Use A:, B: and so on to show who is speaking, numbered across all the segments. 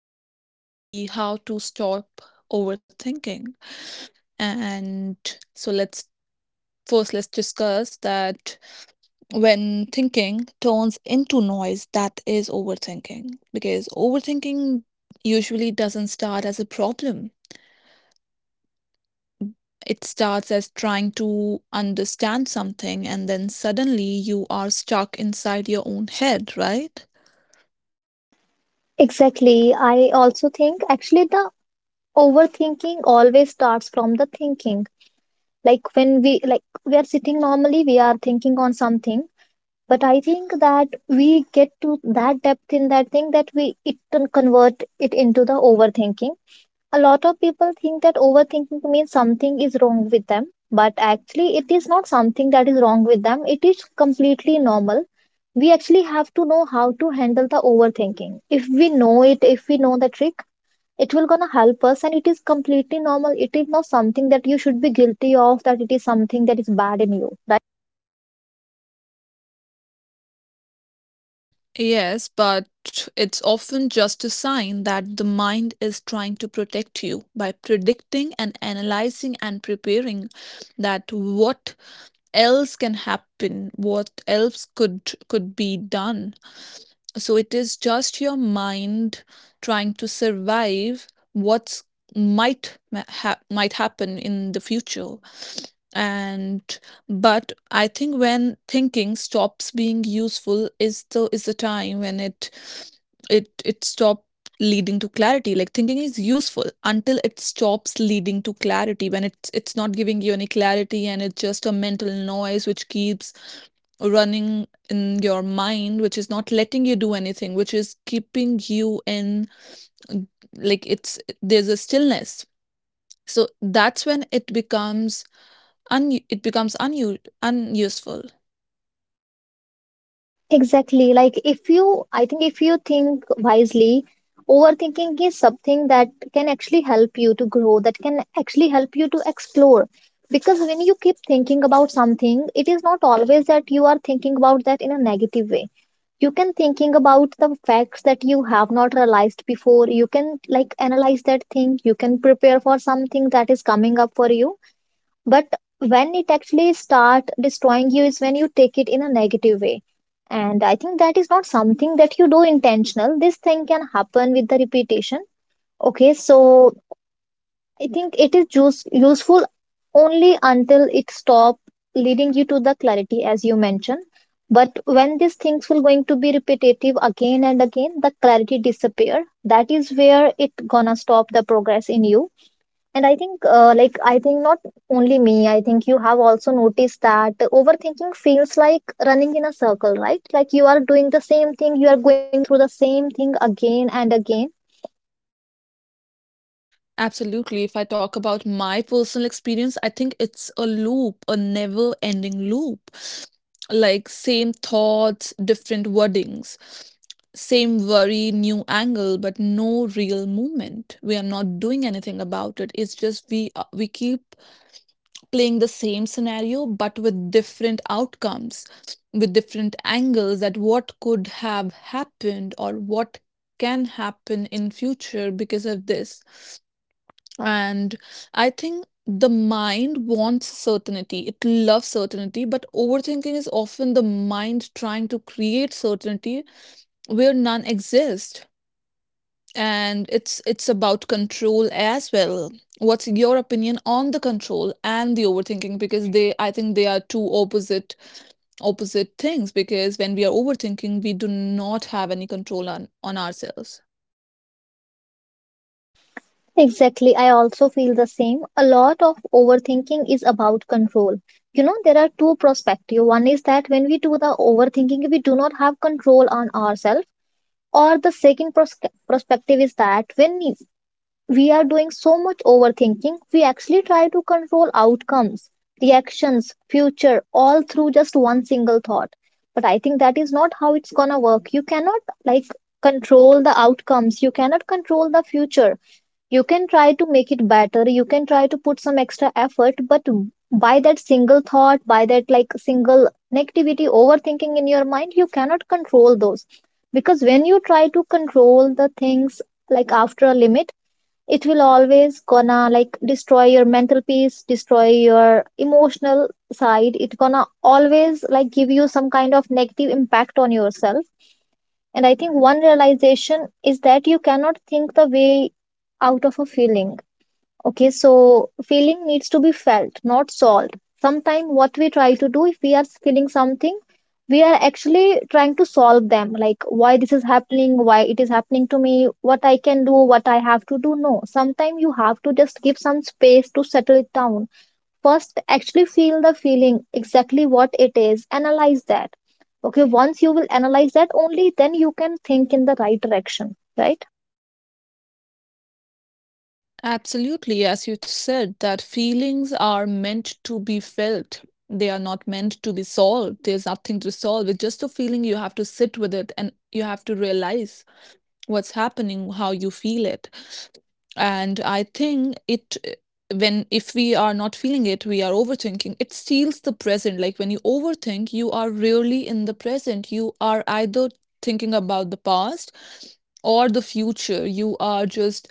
A: topic is going to be how to stop overthinking. And so let's first let's discuss that when thinking turns into noise. That is overthinking, because overthinking usually doesn't start as a problem. It starts as trying to understand something, and then suddenly you are stuck inside your own head, right?
B: Exactly. I also think actually the overthinking always starts from the thinking. Like when we are sitting normally, we are thinking on something. But I think that we get to that depth in that thing that we it can convert it into the overthinking. A lot of people think that overthinking means something is wrong with them, but actually it is not something that is wrong with them. It is completely normal. We actually have to know how to handle the overthinking. If we know it, if we know the trick, it will gonna help us, and it is completely normal. It is not something that you should be guilty of, that it is something that is bad in you, right?
A: Yes, but it's often just a sign that the mind is trying to protect you by predicting and analyzing and preparing, that what else can happen, what else could be done. So it is just your mind trying to survive what's might ma- ha- might happen in the future. And but I think when thinking stops being useful is the time when it stops leading to clarity. Like thinking is useful until it stops leading to clarity. When it's not giving you any clarity and it's just a mental noise which keeps running in your mind, which is not letting you do anything, which is keeping you in, like, it's there's a stillness. So that's when it becomes un unuseful.
B: Exactly, like if you, I think if you think wisely, overthinking is something that can actually help you to grow, that can actually help you to explore. Because when you keep thinking about something, it is not always that you are thinking about that in a negative way. You can thinking about the facts that you have not realized before, you can like analyze that thing, you can prepare for something that is coming up for you. But when it actually start destroying you is when you take it in a negative way. And I think that is not something that you do intentional, this thing can happen with the repetition. Okay, so I think it is useful only until it stop leading you to the clarity, as you mentioned. But when these things will going to be repetitive again and again, the clarity disappear. That is where it gonna stop the progress in you. And I think, like I think not only me. I think you have also noticed that overthinking feels like running in a circle, right? Like you are doing the same thing, you are going through the same thing again and again.
A: Absolutely. If I talk about my personal experience, I think it's a loop, a never ending loop. Like same thoughts, different wordings, same worry, new angle, but no real movement. We are not doing anything about it. It's just we keep playing the same scenario but with different outcomes, with different angles, that what could have happened or what can happen in future because of this. And I think the mind wants certainty. It loves certainty, but overthinking is often the mind trying to create certainty where none exist. And it's about control as well. What's your opinion on the control and the overthinking? Because they, I think they are two opposite things. Because when we are overthinking, we do not have any control on ourselves.
B: Exactly. I also feel the same. A lot of overthinking is about control. You know, there are two perspectives. One is that when we do the overthinking, we do not have control on ourselves. Or the second perspective is that when we are doing so much overthinking, we actually try to control outcomes, reactions, future, all through just one single thought. But I think that is not how it's gonna work. You cannot like control the outcomes. You cannot control the future. You can try to make it better, you can try to put some extra effort, but by that single thought, by that like single negativity overthinking in your mind, you cannot control those. Because when you try to control the things, like after a limit, it will always gonna like destroy your mental peace, destroy your emotional side. It gonna always like give you some kind of negative impact on yourself. And I think one realization is that you cannot think the way out of a feeling. Okay, so feeling needs to be felt, not solved. Sometimes what we try to do, if we are feeling something, we are actually trying to solve them, like why this is happening, why it is happening to me, what I can do, what I have to do. No, sometimes you have to just give some space to settle it down. First, actually feel the feeling, exactly what it is, analyze that. Okay, once you will analyze that, only then you can think in the right direction, right?
A: Absolutely, as you said, that feelings are meant to be felt. They are not meant to be solved. There's nothing to solve. It's just a feeling. You have to sit with it and you have to realize what's happening, how you feel it. And I think it, when if we are not feeling it, we are overthinking. It steals the present. Like when you overthink, you are really in the present. You are either thinking about the past or the future. You are just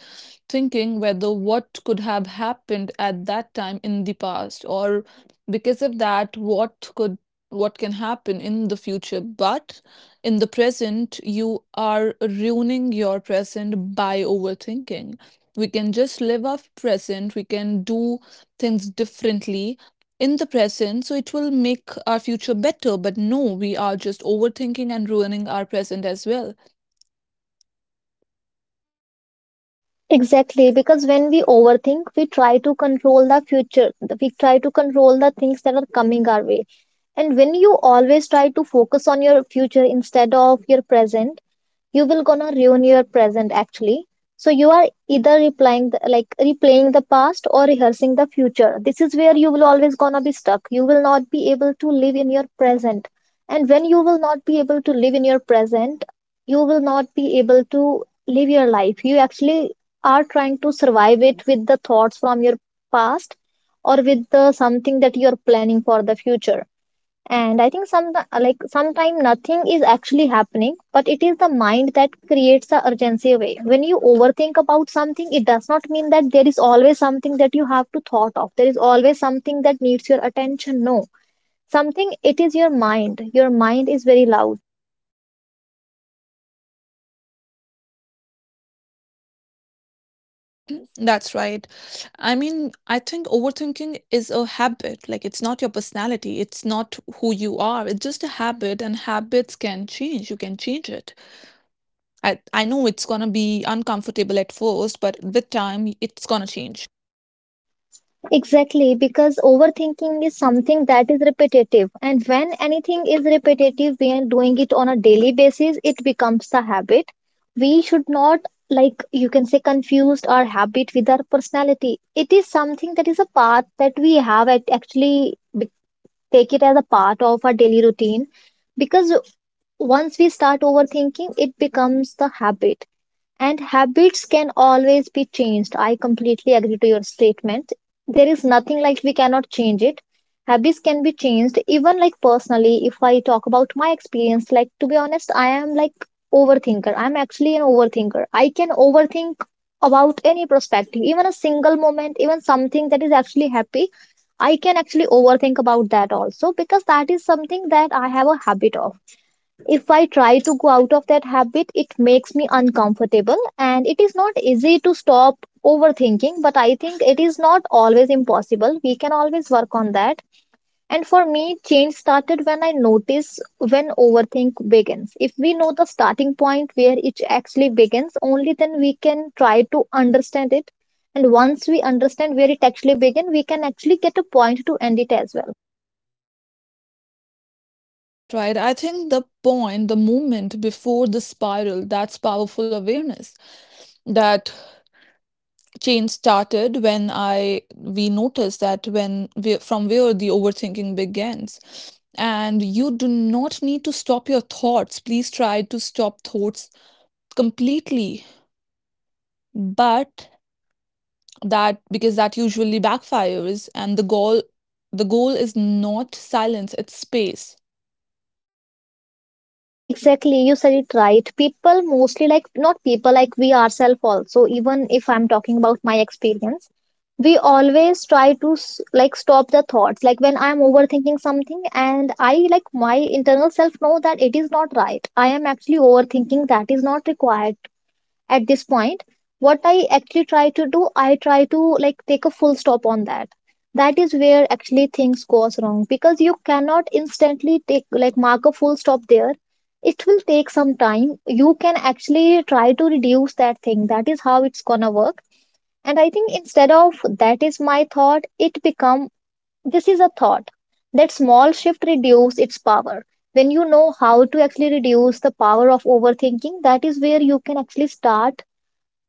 A: thinking whether what could have happened at that time in the past, or because of that what could, what can happen in the future. But in the present, you are ruining your present by overthinking. We can just live off present, we can do things differently in the present, so it will make our future better, but no, we are just overthinking and ruining our present as well.
B: Exactly, because when we overthink, we try to control the future. We try to control the things that are coming our way. And when you always try to focus on your future instead of your present, you will gonna ruin your present actually. So you are either replying the, like replaying the past or rehearsing the future. This is where you will always gonna be stuck, you will not be able to live in your present. And when you will not be able to live in your present, you will not be able to live your life. You actually are trying to survive it with the thoughts from your past, or with the something that you are planning for the future. And I think sometime nothing is actually happening, but it is the mind that creates the urgency way. When you overthink about something, it does not mean that there is always something that you have to thought of, there is always something that needs your attention. No, something it is your mind, your mind is very loud.
A: That's right. I mean, I think overthinking is a habit. Like it's not your personality, it's not who you are, it's just a habit, and habits can change, you can change it. I know it's going to be uncomfortable at first, but with time it's going to change.
B: Exactly, because overthinking is something that is repetitive, and when anything is repetitive, we are doing it on a daily basis, it becomes the habit. We should not, like you can say, confused our habit with our personality. It is something that is a path that we have at actually take it as a part of our daily routine. Because once we start overthinking, it becomes the habit, and habits can always be changed. I completely agree to your statement. There is nothing like we cannot change it. Habits can be changed, even like personally. If I talk about my experience, like to be honest, I am like overthinker. I'm actually an overthinker. I can overthink about any perspective, even a single moment, even something that is actually happy. I can actually overthink about that also because that is something that I have a habit of. If I try to go out of that habit, it makes me uncomfortable and it is not easy to stop overthinking, but I think it is not always impossible. We can always work on that. And for me, change started when I notice when overthink begins. If we know the starting point where it actually begins, only then we can try to understand it. And once we understand where it actually begins, we can actually get a point to end it as well.
A: That's right. I think the point, the moment before the spiral, that's powerful awareness. That change started when I, we noticed that, when we, from where the overthinking begins. And you do not need to stop your thoughts. Please try to stop thoughts completely. But that, because that usually backfires, and the goal is not silence, it's space.
B: Exactly, you said it right. People mostly like, not people, like we ourselves also, even if I'm talking about my experience, we always try to stop the thoughts. Like when I'm overthinking something and I like my internal self know that it is not right. I am actually overthinking, that is not required at this point. What I actually try to do, I try to like take a full stop on that. That is where actually things goes wrong, because you cannot instantly take, like mark a full stop there. It will take some time, you can actually try to reduce that thing, that is how it's gonna work. And I think, instead of that is my thought, it become this is a thought. That small shift reduce its power. When you know how to actually reduce the power of overthinking, that is where you can actually start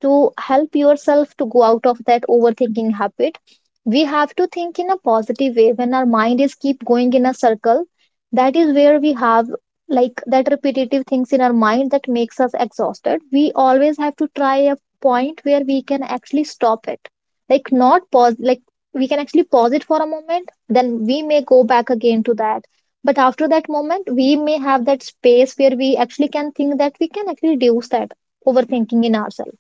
B: to help yourself to go out of that overthinking habit. We have to think in a positive way when our mind is keep going in a circle. That is where we have like that repetitive things in our mind that makes us exhausted. We always have to try a point where we can actually stop it. Like not pause, like we can actually pause it for a moment, then we may go back again to that, but after that moment we may have that space where we actually can think, that we can actually reduce that overthinking in ourselves.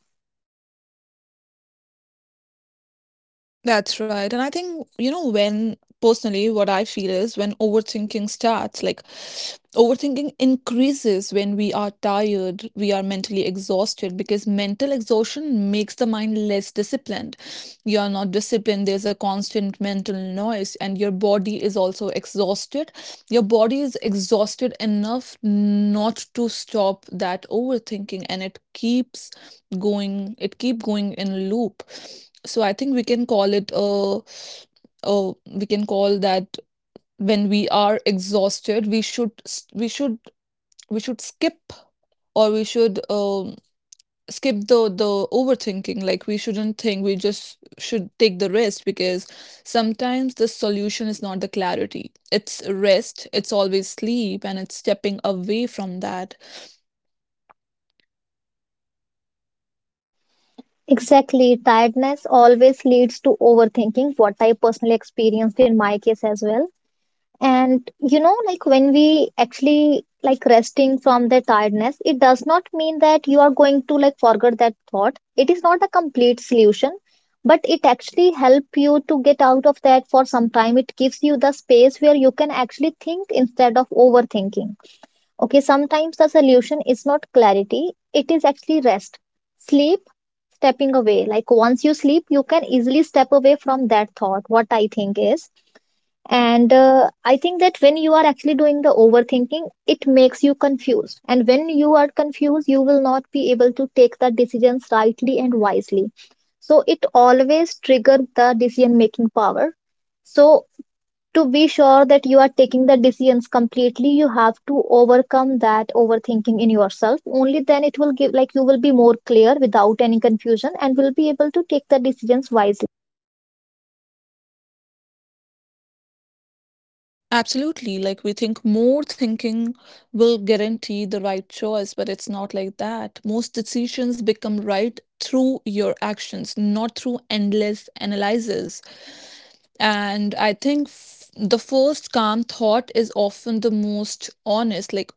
A: That's right. And I think, you know, when personally, what I feel is when overthinking starts, like overthinking increases when we are tired, we are mentally exhausted, because mental exhaustion makes the mind less disciplined. You are not disciplined, there's a constant mental noise, and your body is also exhausted. Your body is exhausted enough not to stop that overthinking, and it keeps going it keep going in a loop. So I think we can call it a we can call that when we are exhausted, we should, we should skip, or we should skip the overthinking. Like we shouldn't think, we just should take the rest, because sometimes the solution is not the clarity, it's rest, it's always sleep, and it's stepping away from that.
B: Exactly. Tiredness always leads to overthinking, what I personally experienced in my case as well. And you know, like when we actually like resting from the tiredness, it does not mean that you are going to like forget that thought. It is not a complete solution, but it actually help you to get out of that for some time. It gives you the space where you can actually think instead of overthinking. Okay, sometimes the solution is not clarity, it is actually rest. Sleep, stepping away. Like once you sleep you can easily step away from that thought, what I think is, and I think that when you are actually doing the overthinking, it makes you confused, and when you are confused you will not be able to take the decisions rightly and wisely. So it always triggers the decision making power. So to be sure that you are taking the decisions completely, you have to overcome that overthinking in yourself. Only then it will give, like, you will be more clear without any confusion and will be able to take the decisions wisely.
A: Absolutely. Like we think more thinking will guarantee the right choice, but it's not like that. Most decisions become right through your actions, not through endless analyzes. And I think the first calm thought is often the most honest.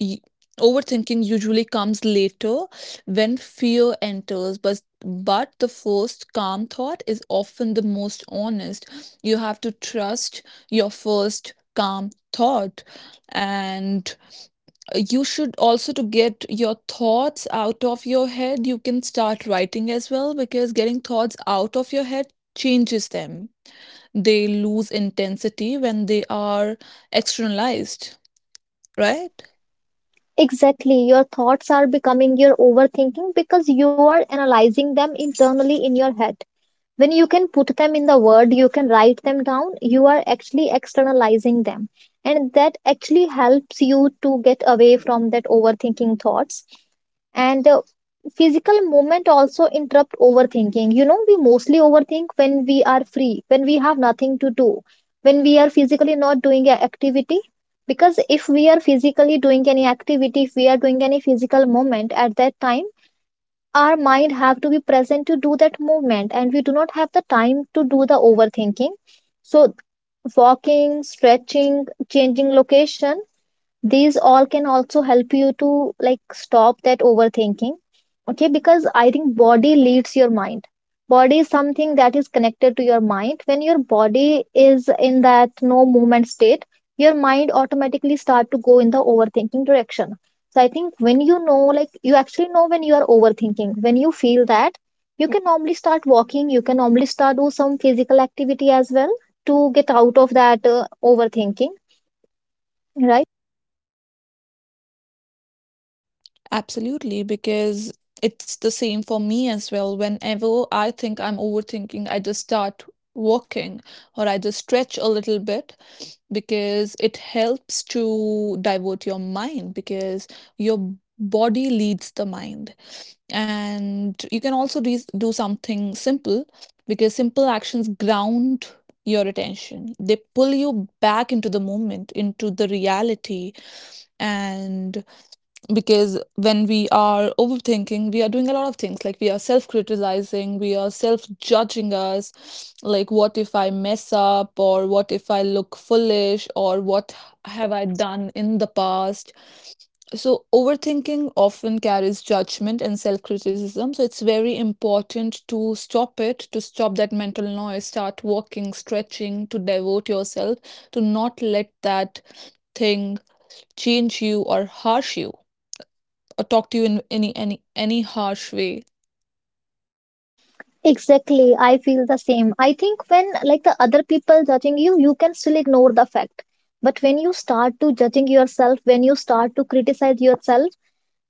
A: y- Overthinking usually comes later when fear enters, but the first calm thought is often the most honest. You have to trust your first calm thought. And you should also, to get your thoughts out of your head, you can start writing as well, because getting thoughts out of your head changes them. They lose intensity when they are externalized, right?
B: Exactly, your thoughts are becoming your overthinking because you are analyzing them internally in your head. When you can put them in the word, you can write them down, you are actually externalizing them, and that actually helps you to get away from that overthinking thoughts. And the physical movement also interrupt overthinking. You know, we mostly overthink when we are free, when we have nothing to do, when we are physically not doing an activity. Because if we are physically doing any activity, if we are doing any physical movement, at that time our mind have to be present to do that movement and we do not have the time to do the overthinking. So walking, stretching, changing location, these all can also help you to like stop that overthinking. Okay, because I think body leads your mind. Body is something that is connected to your mind. When your body is in that no movement state, your mind automatically start to go in the overthinking direction. So I think when you know, like you actually know when you are overthinking, when you feel that, you can normally start walking, you can normally start do some physical activity as well to get out of that overthinking, right?
A: Absolutely, because it's the same for me as well. Whenever I think I'm overthinking, I just start walking or I just stretch a little bit, because it helps to divert your mind, because your body leads the mind. And you can also do something simple, because simple actions ground your attention. They pull you back into the moment, into the reality. And because when we are overthinking, we are doing a lot of things, like we are self criticizing, we are self judging us. Like, what if I mess up? Or what if I look foolish? Or what have I done in the past? So, overthinking often carries judgment and self criticism. So, it's very important to stop it, to stop that mental noise, start walking, stretching, to devote yourself, to not let that thing change you or harsh you or talk to you in any harsh way.
B: Exactly, I feel the same. I think when, like, the other people judging you, you can still ignore the fact. But when you start to judging yourself, when you start to criticize yourself,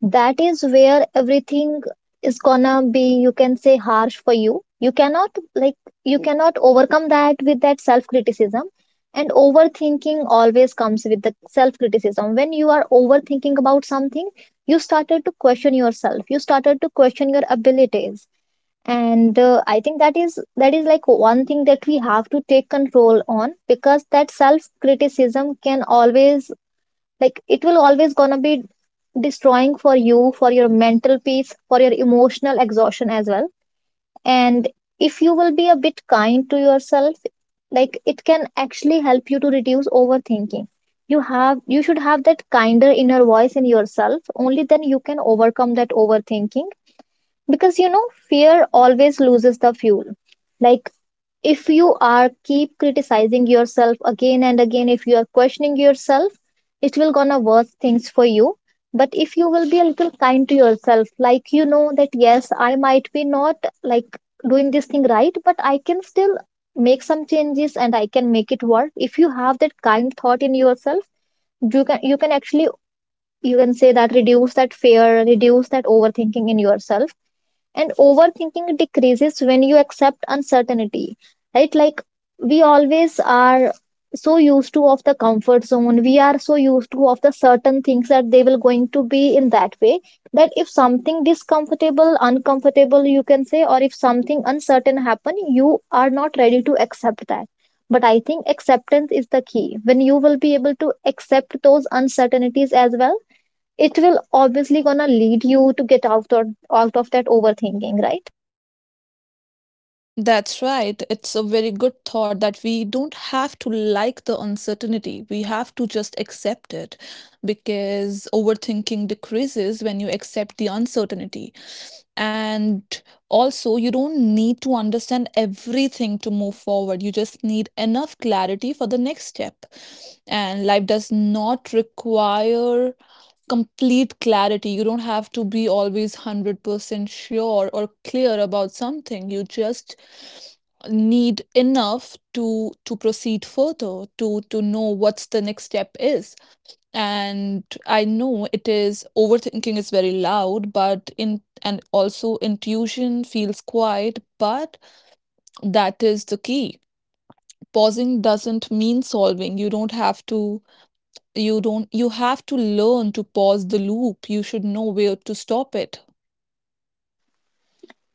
B: that is where everything is gonna be, you can say, harsh for you. You cannot like you cannot overcome that with that self-criticism. And overthinking always comes with the self-criticism. When you are overthinking about something, you started to question yourself. You started to question your abilities, and I think that is like one thing that we have to take control on, because that self criticism can always, like, it will always gonna be destroying for you, for your mental peace, for your emotional exhaustion as well. And if you will be a bit kind to yourself, like, it can actually help you to reduce overthinking. You have, you should have that kinder inner voice in yourself, only then you can overcome that overthinking. Because you know, fear always loses the fuel. Like, if you are keep criticizing yourself again and again, if you are questioning yourself, it will gonna worse things for you. But if you will be a little kind to yourself, like, you know that yes, I might be not, like, doing this thing right, but I can still make some changes and I can make it work. If you have that kind thought in yourself, you can actually, you can say, that reduce that fear, reduce that overthinking in yourself. And overthinking decreases when you accept uncertainty, right? Like, we always are so used to of the comfort zone, we are so used to of the certain things, that they will going to be in that way. That if something discomfortable, uncomfortable, you can say, or if something uncertain happen, you are not ready to accept that. But I think acceptance is the key. When you will be able to accept those uncertainties as well, it will obviously gonna lead you to get out, or out of that overthinking, right?
A: That's right. It's a very good thought that we don't have to like the uncertainty. We have to just accept it, because overthinking decreases when you accept the uncertainty. And also, you don't need to understand everything to move forward. You just need enough clarity for the next step. And life does not require complete clarity. You don't have to be always 100% sure or clear about something. You just need enough to proceed further, to know what's the next step is. And I know it is, overthinking is very loud, but in, and also intuition feels quiet, but that is the key. Pausing doesn't mean solving. You don't have to, you don't, you have to learn to pause the loop, you should know where to stop it.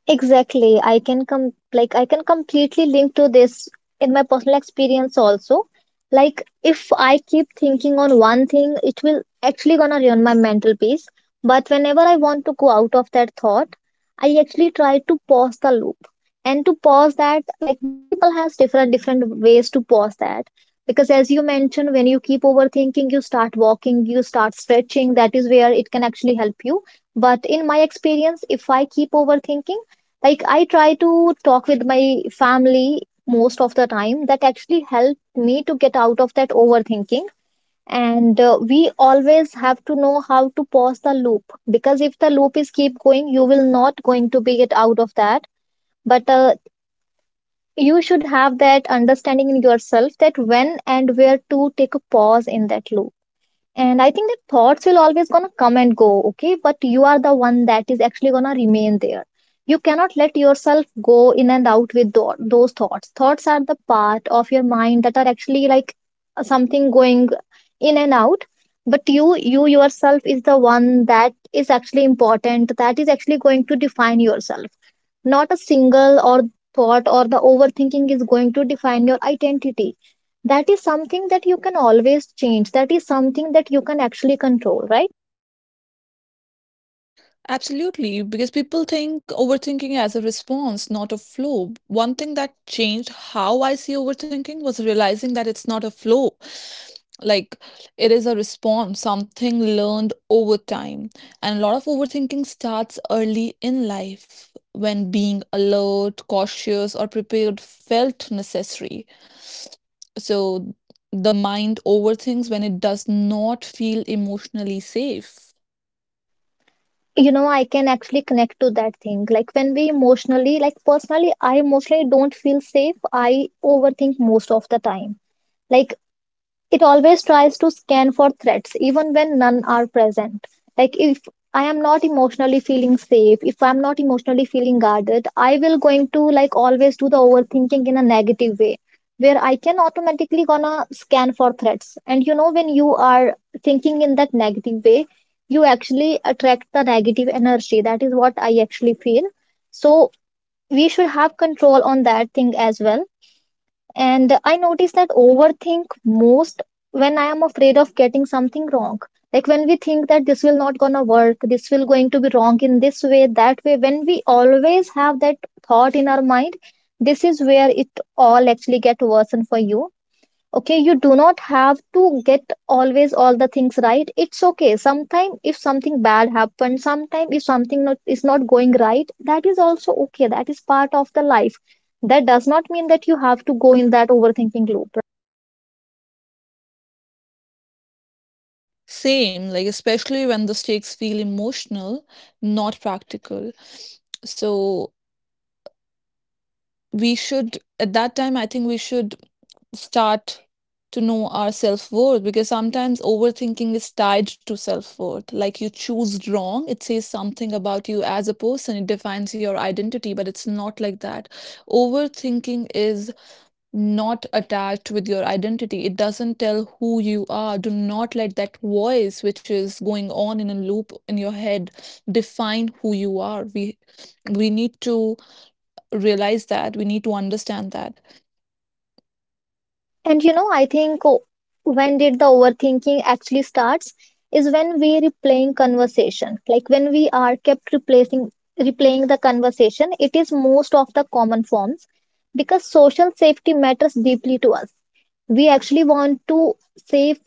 B: Exactly. I can com, like I can completely link to this in my personal experience also. Like if I keep thinking on one thing, it will actually gonna ruin my mental peace. But whenever I want to go out of that thought, I actually try to pause the loop. And to pause that, like, many people has different different ways to pause that. Because as you mentioned, when you keep overthinking, you start walking, you start stretching. That is where it can actually help you. But in my experience, if I keep overthinking, like I try to talk with my family, most of the time that actually helped me to get out of that overthinking. And we always have to know how to pause the loop, because if the loop is keep going, you will not going to be get out of that. But you should have that understanding in yourself that when and where to take a pause in that loop. And I think that thoughts will always gonna come and go, okay? But you are the one that is actually gonna remain there. You cannot let yourself go in and out with those thoughts. Thoughts are the part of your mind that are actually, like, something going in and out. But you yourself is the one that is actually important, that is actually going to define yourself. Not a single or thought or the overthinking is going to define your identity. That is something that you can always change. That is something that you can actually control, right?
A: Absolutely, because people think overthinking as a response, not a flow. One thing that changed how I see overthinking was realizing that it's not a flow. Like it is a response, something learned over time. And a lot of overthinking starts early in life when being alert, cautious, or prepared felt necessary. So the mind overthinks when it does not feel emotionally safe.
B: You know, I can actually connect to that thing. Like when we emotionally, like personally, I emotionally don't feel safe, I overthink most of the time. Like it always tries to scan for threats even when none are present. Like if I am not emotionally feeling safe, if I'm not emotionally feeling guarded, I will going to, like, always do the overthinking in a negative way, where I can automatically gonna scan for threats. And you know, when you are thinking in that negative way, you actually attract the negative energy, that is what I actually feel. So we should have control on that thing as well. And I notice that overthink most when I am afraid of getting something wrong. Like when we think that this will not gonna work, this will going to be wrong in this way, that way. When we always have that thought in our mind, this is where it all actually get worsen for you. Okay, you do not have to get always all the things right. It's okay, sometime if something bad happens, sometime if something not, is not going right, that is also okay, that is part of the life. That does not mean that you have to go in that overthinking loop.
A: Same, like especially when the stakes feel emotional, not practical. So we should, at that time, I think we should start to know our self-worth, because sometimes overthinking is tied to self-worth. Like you choose wrong, it says something about you as a person, it defines your identity, but it's not like that. Overthinking is not attached with your identity. It doesn't tell who you are. Do not let that voice, which is going on in a loop in your head, define who you are. We need to realize that. We need to understand that.
B: And you know, I think, when did the overthinking actually starts, is when we replaying conversation. Like when we are kept replacing, replaying the conversation, it is most of the common forms. Because social safety matters deeply to us. We actually want to safe,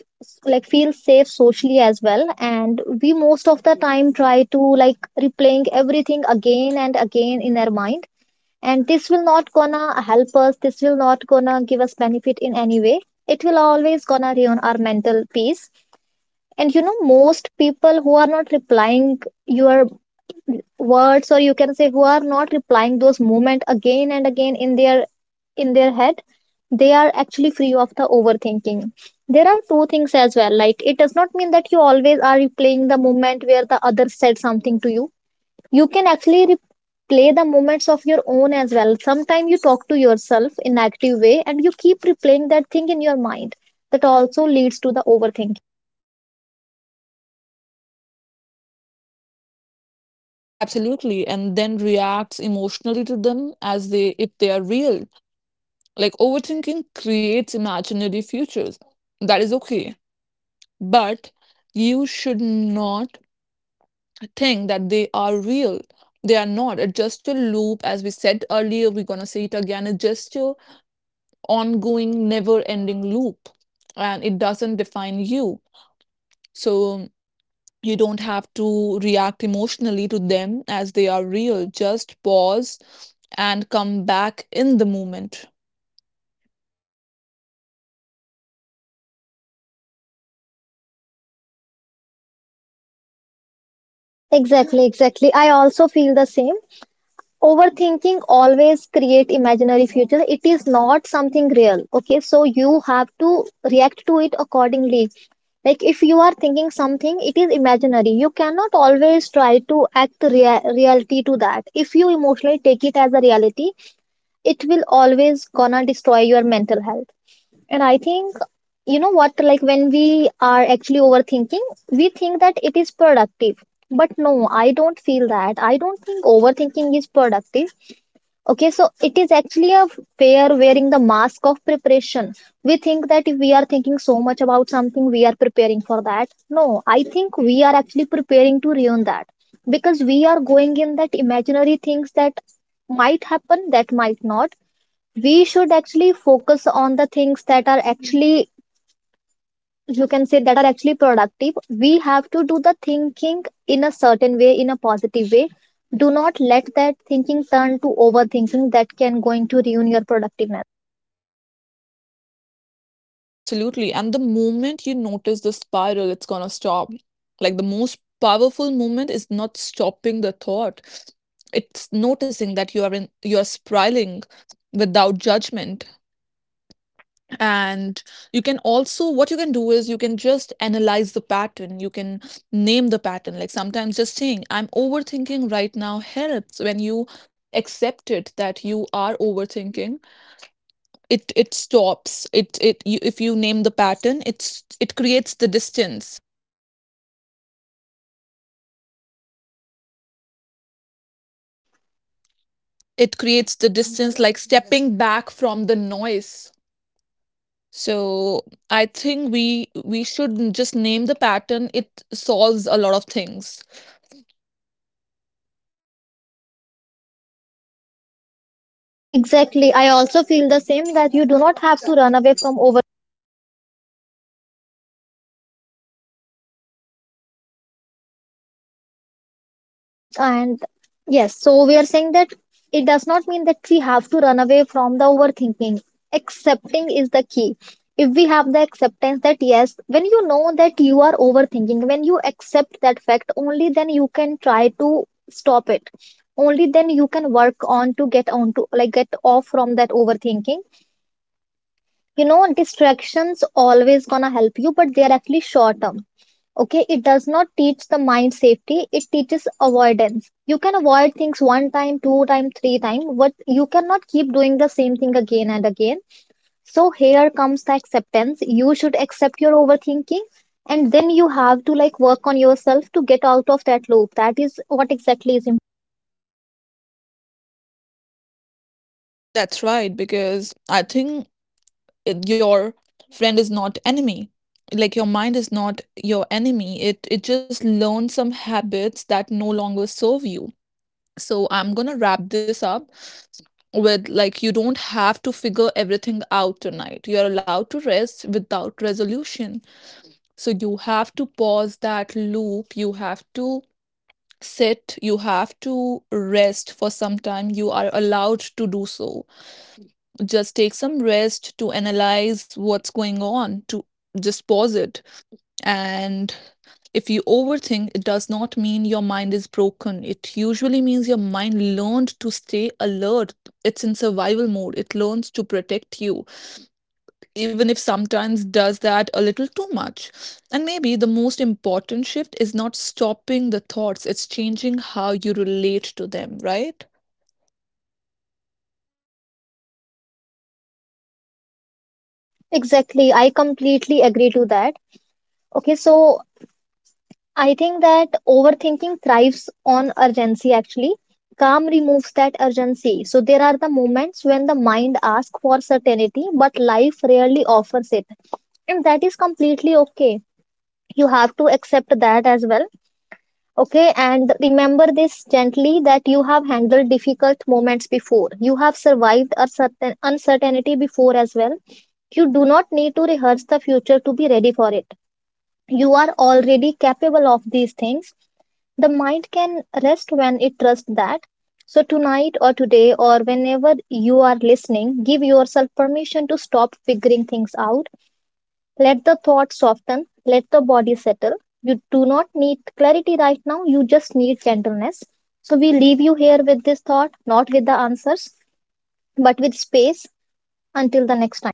B: like feel safe socially as well, and we most of the time try to, like, replaying everything again and again in our mind. And this will not gonna help us, this will not gonna give us benefit in any way. It will always gonna ruin our mental peace. And you know, most people who are not replying your words, or you can say, who are not replying those movement again and again in their, in their head, they are actually free of the overthinking. There are two things as well. Like it does not mean that you always are replaying the moment where the other said something to you. You can actually replay the moments of your own as well. Sometimes you talk to yourself in active way and you keep replaying that thing in your mind. That also leads to the overthinking.
A: Absolutely. And then reacts emotionally to them as they, if they are real. Like overthinking creates imaginary futures. That is okay. But you should not think that they are real. They are not. It's just a loop, as we said earlier, we're gonna say it again. It's just a ongoing, never ending loop. And it doesn't define you. So you don't have to react emotionally to them as they are real. Just pause and come back in the moment.
B: Exactly, I also feel the same. Overthinking always create imaginary future, it is not something real. Okay, so you have to react to it accordingly. Like if you are thinking something, it is imaginary. You cannot always try to act reality to that. If you emotionally take it as a reality, it will always gonna destroy your mental health. And I think, you know what, like when we are actually overthinking, we think that it is productive. But no, I don't feel that, I don't think overthinking is productive. Okay, so it is actually a fear wearing the mask of preparation. We think that if we are thinking so much about something, we are preparing for that. No, I think we are actually preparing to ruin that, because we are going in that imaginary things that might happen, that might not. We should actually focus on the things that are actually, you can say, that are actually productive. We have to do the thinking in a certain way, in a positive way. Do not let that thinking turn to overthinking, that can going to ruin your productiveness.
A: Absolutely. And the moment you notice the spiral, it's gonna stop. Like the most powerful moment is not stopping the thought. It's noticing that you are in, you're spiraling without judgment. And you can also, what you can do is you can just analyze the pattern. You can name the pattern. Like sometimes just saying, I'm overthinking right now, helps. When you accept it that you are overthinking, it stops it, it you, if you name the pattern, it's, it creates the distance, it creates the distance, like stepping back from the noise. So I think we should just name the pattern, it solves a lot of things.
B: Exactly, I also feel the same, that you do not have to run away from over— Exact. And yes, so we are saying that it does not mean that we have to run away from the overthinking. Accepting is the key. If we have the acceptance, that yes, when you know that you are overthinking, when you accept that fact, only then you can try to stop it. Only then you can work on to get on to, like, get off from that overthinking. You know, distractions always gonna help you, but they are actually short term. Okay, it does not teach the mind safety, it teaches avoidance. You can avoid things one time, two time, three time, but you cannot keep doing the same thing again and again. So here comes the acceptance, you should accept your overthinking, and then you have to, like, work on yourself to get out of that loop. That is what exactly is im—
A: That's right, because I think your friend is not enemy. Like your mind is not your enemy, it just learns some habits that no longer serve you. So I'm gonna wrap this up with, like, you don't have to figure everything out tonight. You're allowed to rest without resolution. So you have to pause that loop. You have to sit. You have to rest for some time. You are allowed to do so. Just take some rest to analyze what's going on, to just pause it. And if you overthink, it does not mean your mind is broken. It usually means your mind learned to stay alert. It's in survival mode. It learns to protect you, even if sometimes does that a little too much. And maybe the most important shift is not stopping the thoughts, it's changing how you relate to them, right?
B: Exactly, I completely agree to that. Okay, so I think that overthinking thrives on urgency, actually. Calm removes that urgency. So there are the moments when the mind asks for certainty, but life rarely offers it. And that is completely okay. You have to accept that as well. Okay. And remember this gently, that you have handled difficult moments before. You have survived a certain uncertainty before as well. You do not need to rehearse the future to be ready for it. You are already capable of these things. The mind can rest when it trusts that. So tonight or today, or whenever you are listening, give yourself permission to stop figuring things out. Let the thought soften, let the body settle. You do not need clarity right now, you just need gentleness. So we leave you here with this thought, not with the answers, but with space, until the next time.